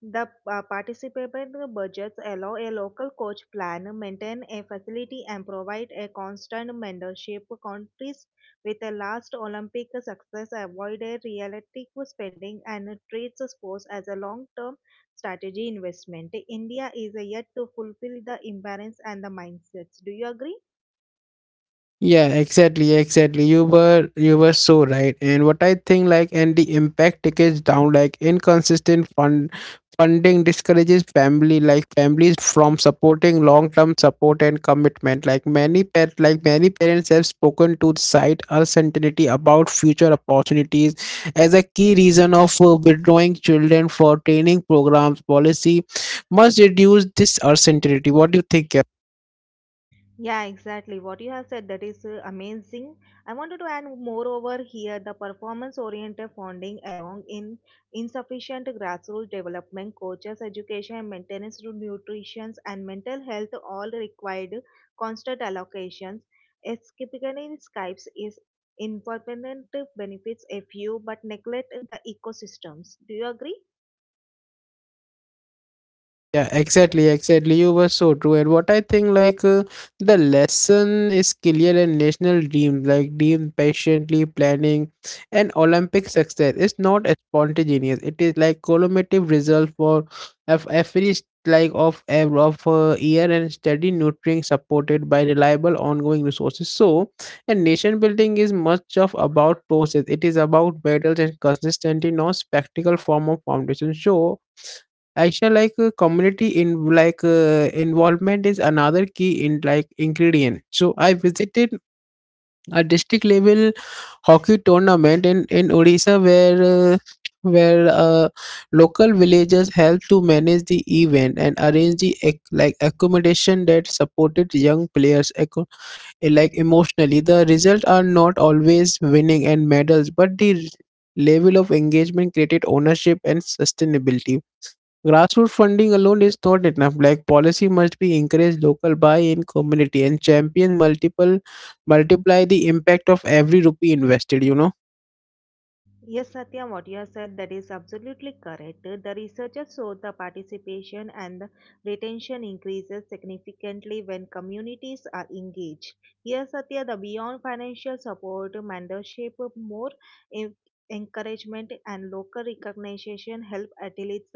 A: The participant budgets allow a local coach plan, maintain a facility, and provide a constant mentorship. Countries with a last Olympic success avoid a realistic spending and treats sports as a long-term strategy investment. India is yet to fulfill the imbalance and the mindsets. Do you agree?
B: Yeah, exactly. You were so right. And what I think like and the impact tickets down like inconsistent funding discourages family like families from supporting long term support and commitment. Like many parents have spoken to the site uncertainty about future opportunities as a key reason of withdrawing children for training programs policy must reduce this uncertainty. What do you think?
A: Yeah, exactly. What you have said that is amazing. I wanted to add moreover here the performance-oriented funding along in insufficient grassroots development, coaches, education, and maintenance to nutrition and mental health all required constant allocations. Escaping Skypes is impermanent benefits a few but neglect the ecosystems. Do you agree?
B: Yeah, exactly. You were so true. And what I think, the lesson is clear and national dream, like, dream patiently planning and Olympic success. It's not spontaneous. It is like cumulative result for of every s- like of ev- of year and steady nurturing supported by reliable ongoing resources. So, and nation building is much of about process. It is about battles and consistency, not spectacle form of foundation. So. Actually, like community in like involvement is another key in like ingredient. So I visited a district level hockey tournament in Odisha where local villagers helped to manage the event and arrange the accommodation that supported young players emotionally. The results are not always winning and medals, but the level of engagement created ownership and sustainability. Grassroots funding alone is not enough. Like policy must be encourage local buy-in community and champion multiple multiply the impact of every rupee invested.
A: Yes, Satya, what you have said that is absolutely correct. The researchers show the participation and the retention increases significantly when communities are engaged. Yes, Satya, the beyond financial support, mentorship, more en- encouragement, and local recognition help athletes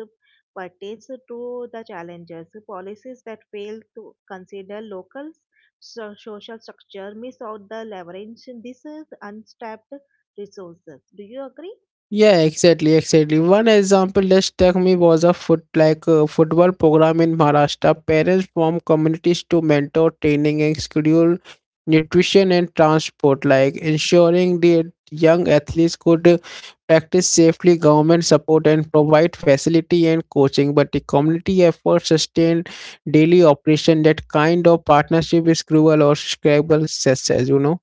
A: pertains to the challenges. Policies that fail to consider local social structure miss out the leverage. This is untapped resources. Do you agree?
B: Yeah, exactly. One example that struck me was a football program in Maharashtra. Parents form communities to mentor training and schedule nutrition and transport, like ensuring the young athletes could practice safely, government support and provide facility and coaching. But the community effort sustain daily operation. That kind of partnership is cruel or scrabble success.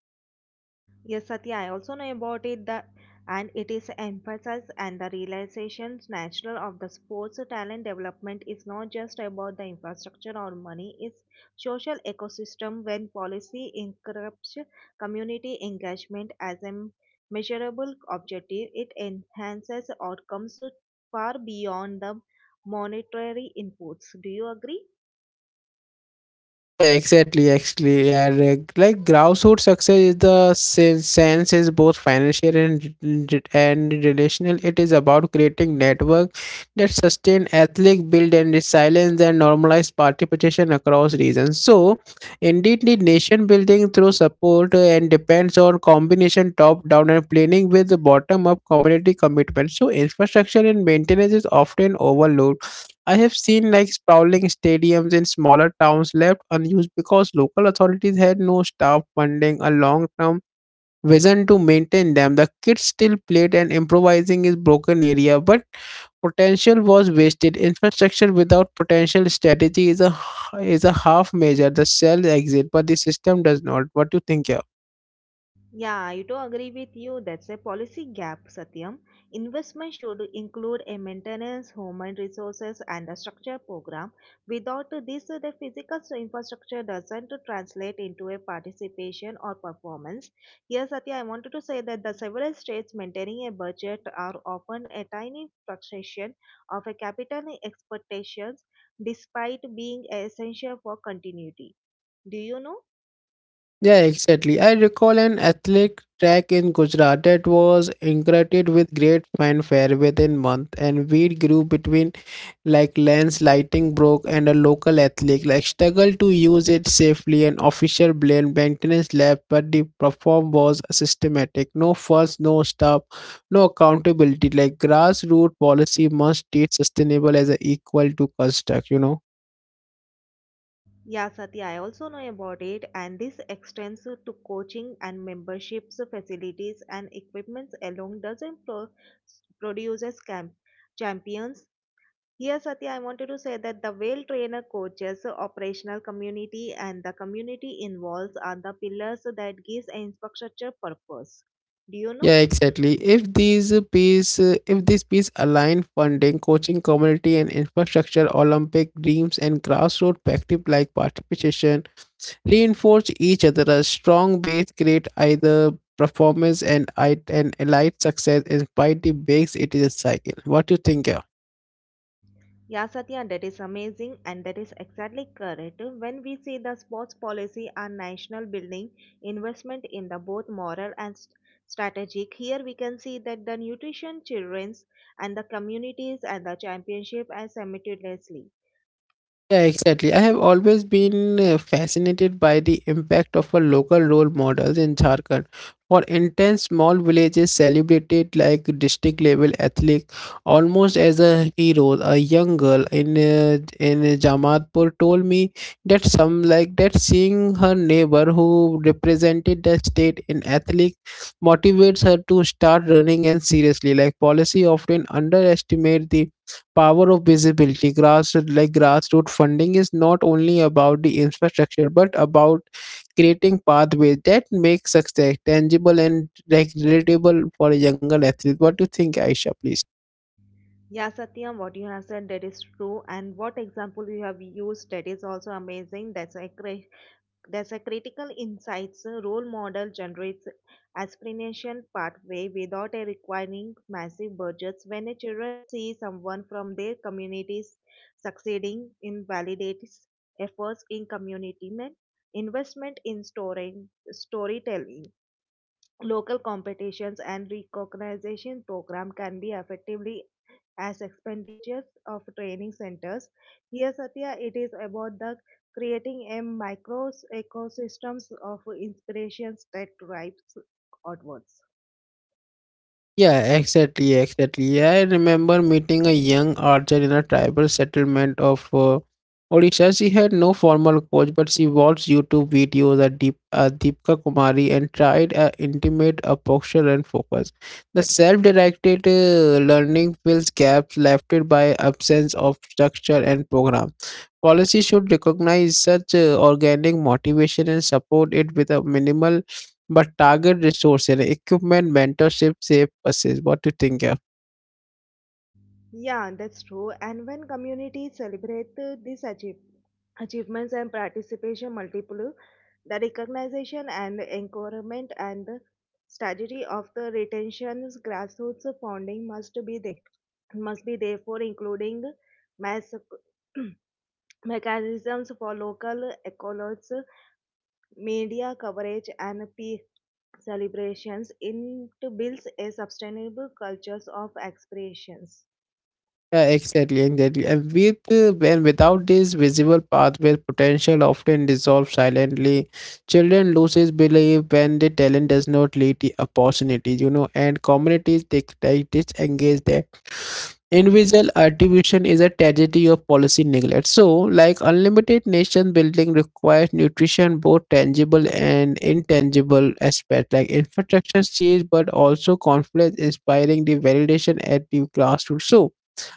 A: Yes, Satya, I also know about it. The, and it is emphasized and the realization natural of the sports talent development is not just about the infrastructure or money, it's social ecosystem when policy encourages community engagement as a measurable objective, it enhances outcomes far beyond the monetary inputs. Do you agree?
B: Exactly, actually, yeah, like grassroots success is the sense is both financial and relational. It is about creating network that sustain athletic build and resilience and normalize participation across regions. So, indeed, the nation building through support and depends on combination top down and planning with the bottom up community commitment. So, infrastructure and maintenance is often overlooked. I have seen like sprawling stadiums in smaller towns left unused because local authorities had no staff funding a long term vision to maintain them. The kids still played and improvising is broken area, but potential was wasted. Infrastructure without potential strategy is a half measure. The cell exit, but the system does not. What do you think here?
A: Yeah, I do agree with you. That's a policy gap, Satyam. Investment should include a maintenance, human resources, and a structure program. Without this, the physical infrastructure doesn't translate into a participation or performance. Here, Satya, I wanted to say that the several states maintaining a budget are often a tiny fraction of a capital expectations, despite being essential for continuity. Do you know?
B: Yeah, exactly. I recall an athletic track in Gujarat that was inaugurated with great fanfare within month, and weed grew between like lens lighting broke and a local athlete like struggled to use it safely. An official blamed maintenance lab, but the perform was systematic, no fuss, no stop, no accountability. Like grassroots policy must treat sustainable as a equal to construct.
A: Yeah, Satya, I also know about it, and this extends to coaching and memberships, facilities, and equipments along dozen produces camp champions. Here, Satya, I wanted to say that the well trainer coaches, operational community, and the community involves are the pillars that gives an infrastructure purpose. Do you know?
B: Yeah, exactly. If these piece if this piece align funding coaching community and infrastructure olympic dreams and grassroots practice like participation reinforce each other. A strong base create either performance and elite success. Inspire the base. It is a cycle. What do you think?
A: Yeah, Satya, that is amazing, and that is exactly correct. When we see the sports policy and national building investment in the both moral and strategic, here we can see that the nutrition, children's, and the communities and the championship as simultaneously.
B: Yeah, exactly. I have always been fascinated by the impact of a local role models in Jharkhand. For instance, small villages celebrated like district level athletes almost as a hero. A young girl in Jamadpur told me that some like that seeing her neighbor who represented the state in athletics motivates her to start running and seriously. Like policy often underestimate the power of visibility grassroots funding is not only about the infrastructure but about creating pathways that make success tangible and like relatable for a younger athlete. What do you think, Aisha, please?
A: Yeah, Satyam, what you have said that is true, and what example you have used that is also amazing. There's a critical insights role model generates aspiration pathway without a requiring massive budgets. When a children see someone from their communities succeeding in validates efforts in community men- investment in storing storytelling, local competitions and recognition program can be effectively as expenditures of training centers. Here, Satya, it is about the creating a micro ecosystems of inspirations that drives outwards.
B: Yeah, exactly. Yeah, I remember meeting a young archer in a tribal settlement of Odisha. She had no formal coach, but she watched YouTube videos at Deepika Kumari and tried intimate a posture and focus. The self-directed learning fills gaps left by absence of structure and program. Policy should recognize such organic motivation and support it with a minimal but target resources, equipment, mentorship, save buses. What do you think, yeah?
A: Yeah, that's true. And when communities celebrate this achievements and participation multiple the recognition and encouragement and the strategy of the retention's grassroots funding must be therefore including mass <clears throat> mechanisms for local accolades, media coverage, and peer celebrations. It builds a sustainable cultures of expressions.
B: Yeah, exactly. And without this visible pathway, potential often dissolves silently. Children loses belief when the talent does not lead the opportunities, you know, and communities they disengage that. Invisible attribution is a tragedy of policy neglect. So, like unlimited nation building requires nutrition, both tangible and intangible aspect, like infrastructure change, but also confidence inspiring the validation at the grassroots. So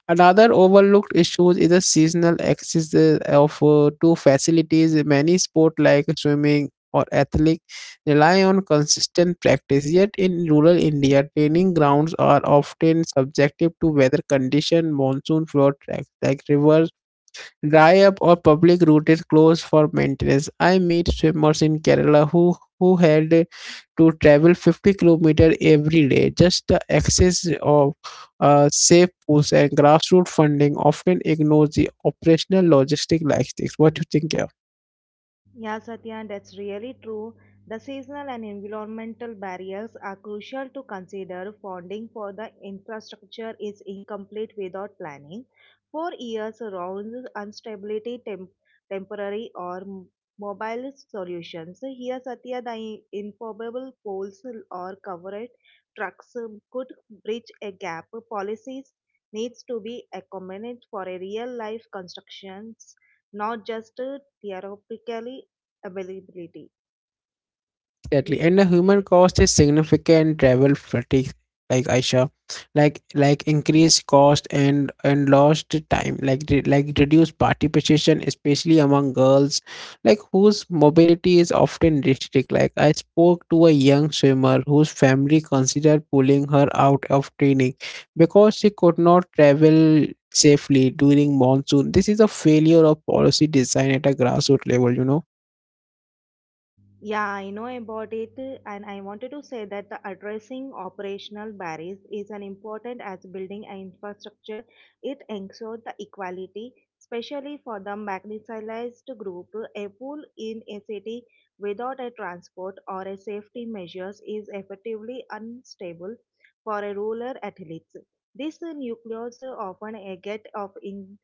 B: another overlooked issue is the seasonal access of to facilities. Many sport like swimming or athletic rely on consistent practice. Yet in rural India, training grounds are often subjective to weather condition, monsoon flood tracks like rivers dry up, or public routes closed for maintenance. I meet swimmers in Kerala who had to travel 50 kilometers every day. Just the excess of safe pools and grassroots funding often ignores the operational logistics. What do you think, yeah?
A: Yeah, Satya, and that's really true. The seasonal and environmental barriers are crucial to consider. Funding for the infrastructure is incomplete without planning. 4 years round instability, temporary or mobile solutions. Here, Satya, the informable poles or covered trucks could bridge a gap. Policies needs to be accommodated for a real life constructions, not just theoretically availability. Do
B: Exactly.
A: you?
B: And the human cost is significant travel fatigue, like Aisha, like increased cost and lost time, like reduced participation, especially among girls, like whose mobility is often restricted. Like I spoke to a young swimmer whose family considered pulling her out of training because she could not travel safely during monsoon. This is a failure of policy design at a grassroots level, you know.
A: Yeah, I know about it, and I wanted to say that the addressing operational barriers is an important as building an infrastructure. It ensures the equality, especially for the marginalized group. A pool in a city without a transport or a safety measures is effectively unstable for a rural athlete. This nucleus often a get of in,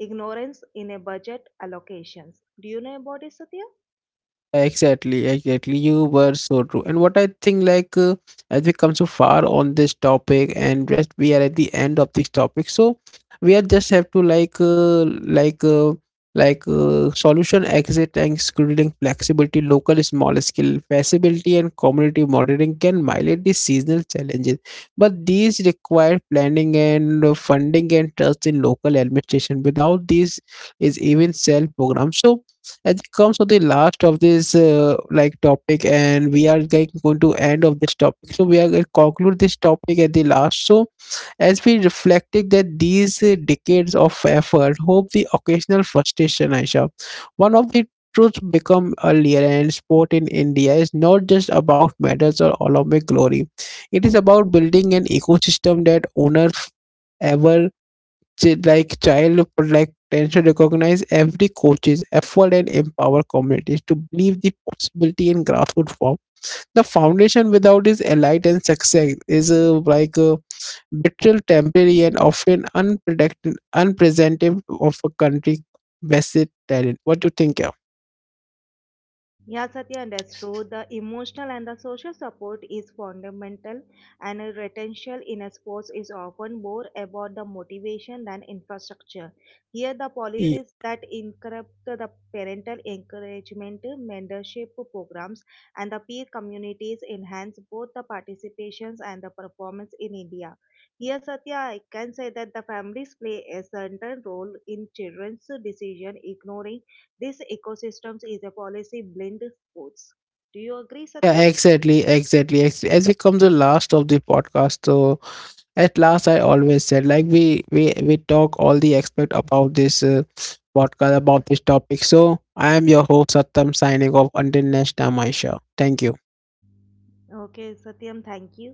A: Ignorance in a budget allocations. Do you know about it, Satya?
B: Exactly, exactly. You were so true. And what I think, as we come so far on this topic, and just we are at the end of this topic, so we are just have to solution exit and scheduling flexibility, local small scale feasibility, and community monitoring can mitigate the seasonal challenges, but these require planning and funding and trust in local administration. Without these, is even self program. So as it comes to the last of this topic and we are like going to end of this topic, so we are going to conclude this topic at the last. So as we reflected that these decades of effort hope the occasional frustration, Aisha, one of the truths become earlier, and sport in India is not just about medals or Olympic glory. It is about building an ecosystem that honors ever child could like potential recognize every coach's effort and empower communities to believe the possibility in grassroots form. The foundation without is elite and success is a betrayal, temporary and often unpredicted, unpresentative of a country vested talent. What do you think?
A: Yeah, Satya understood the emotional and the social support is fundamental, and a retention in a sports is often more about the motivation than infrastructure. Here, the
B: Yeah,
A: policies that encourage the parental encouragement, mentorship programs, and the peer communities enhance both the participations and the performance in India. Here, Satya, I can say that the families play a central role in children's decision, ignoring this ecosystems is a policy blend force. Do you agree, Satya?
B: yeah, exactly, exactly, exactly. As we come to the last of the podcast, so at last I always said like we talk all the aspect about this podcast about this topic. So I am your host Satam, signing off until next time. Aisha, thank you.
A: Okay, Satyam, thank you.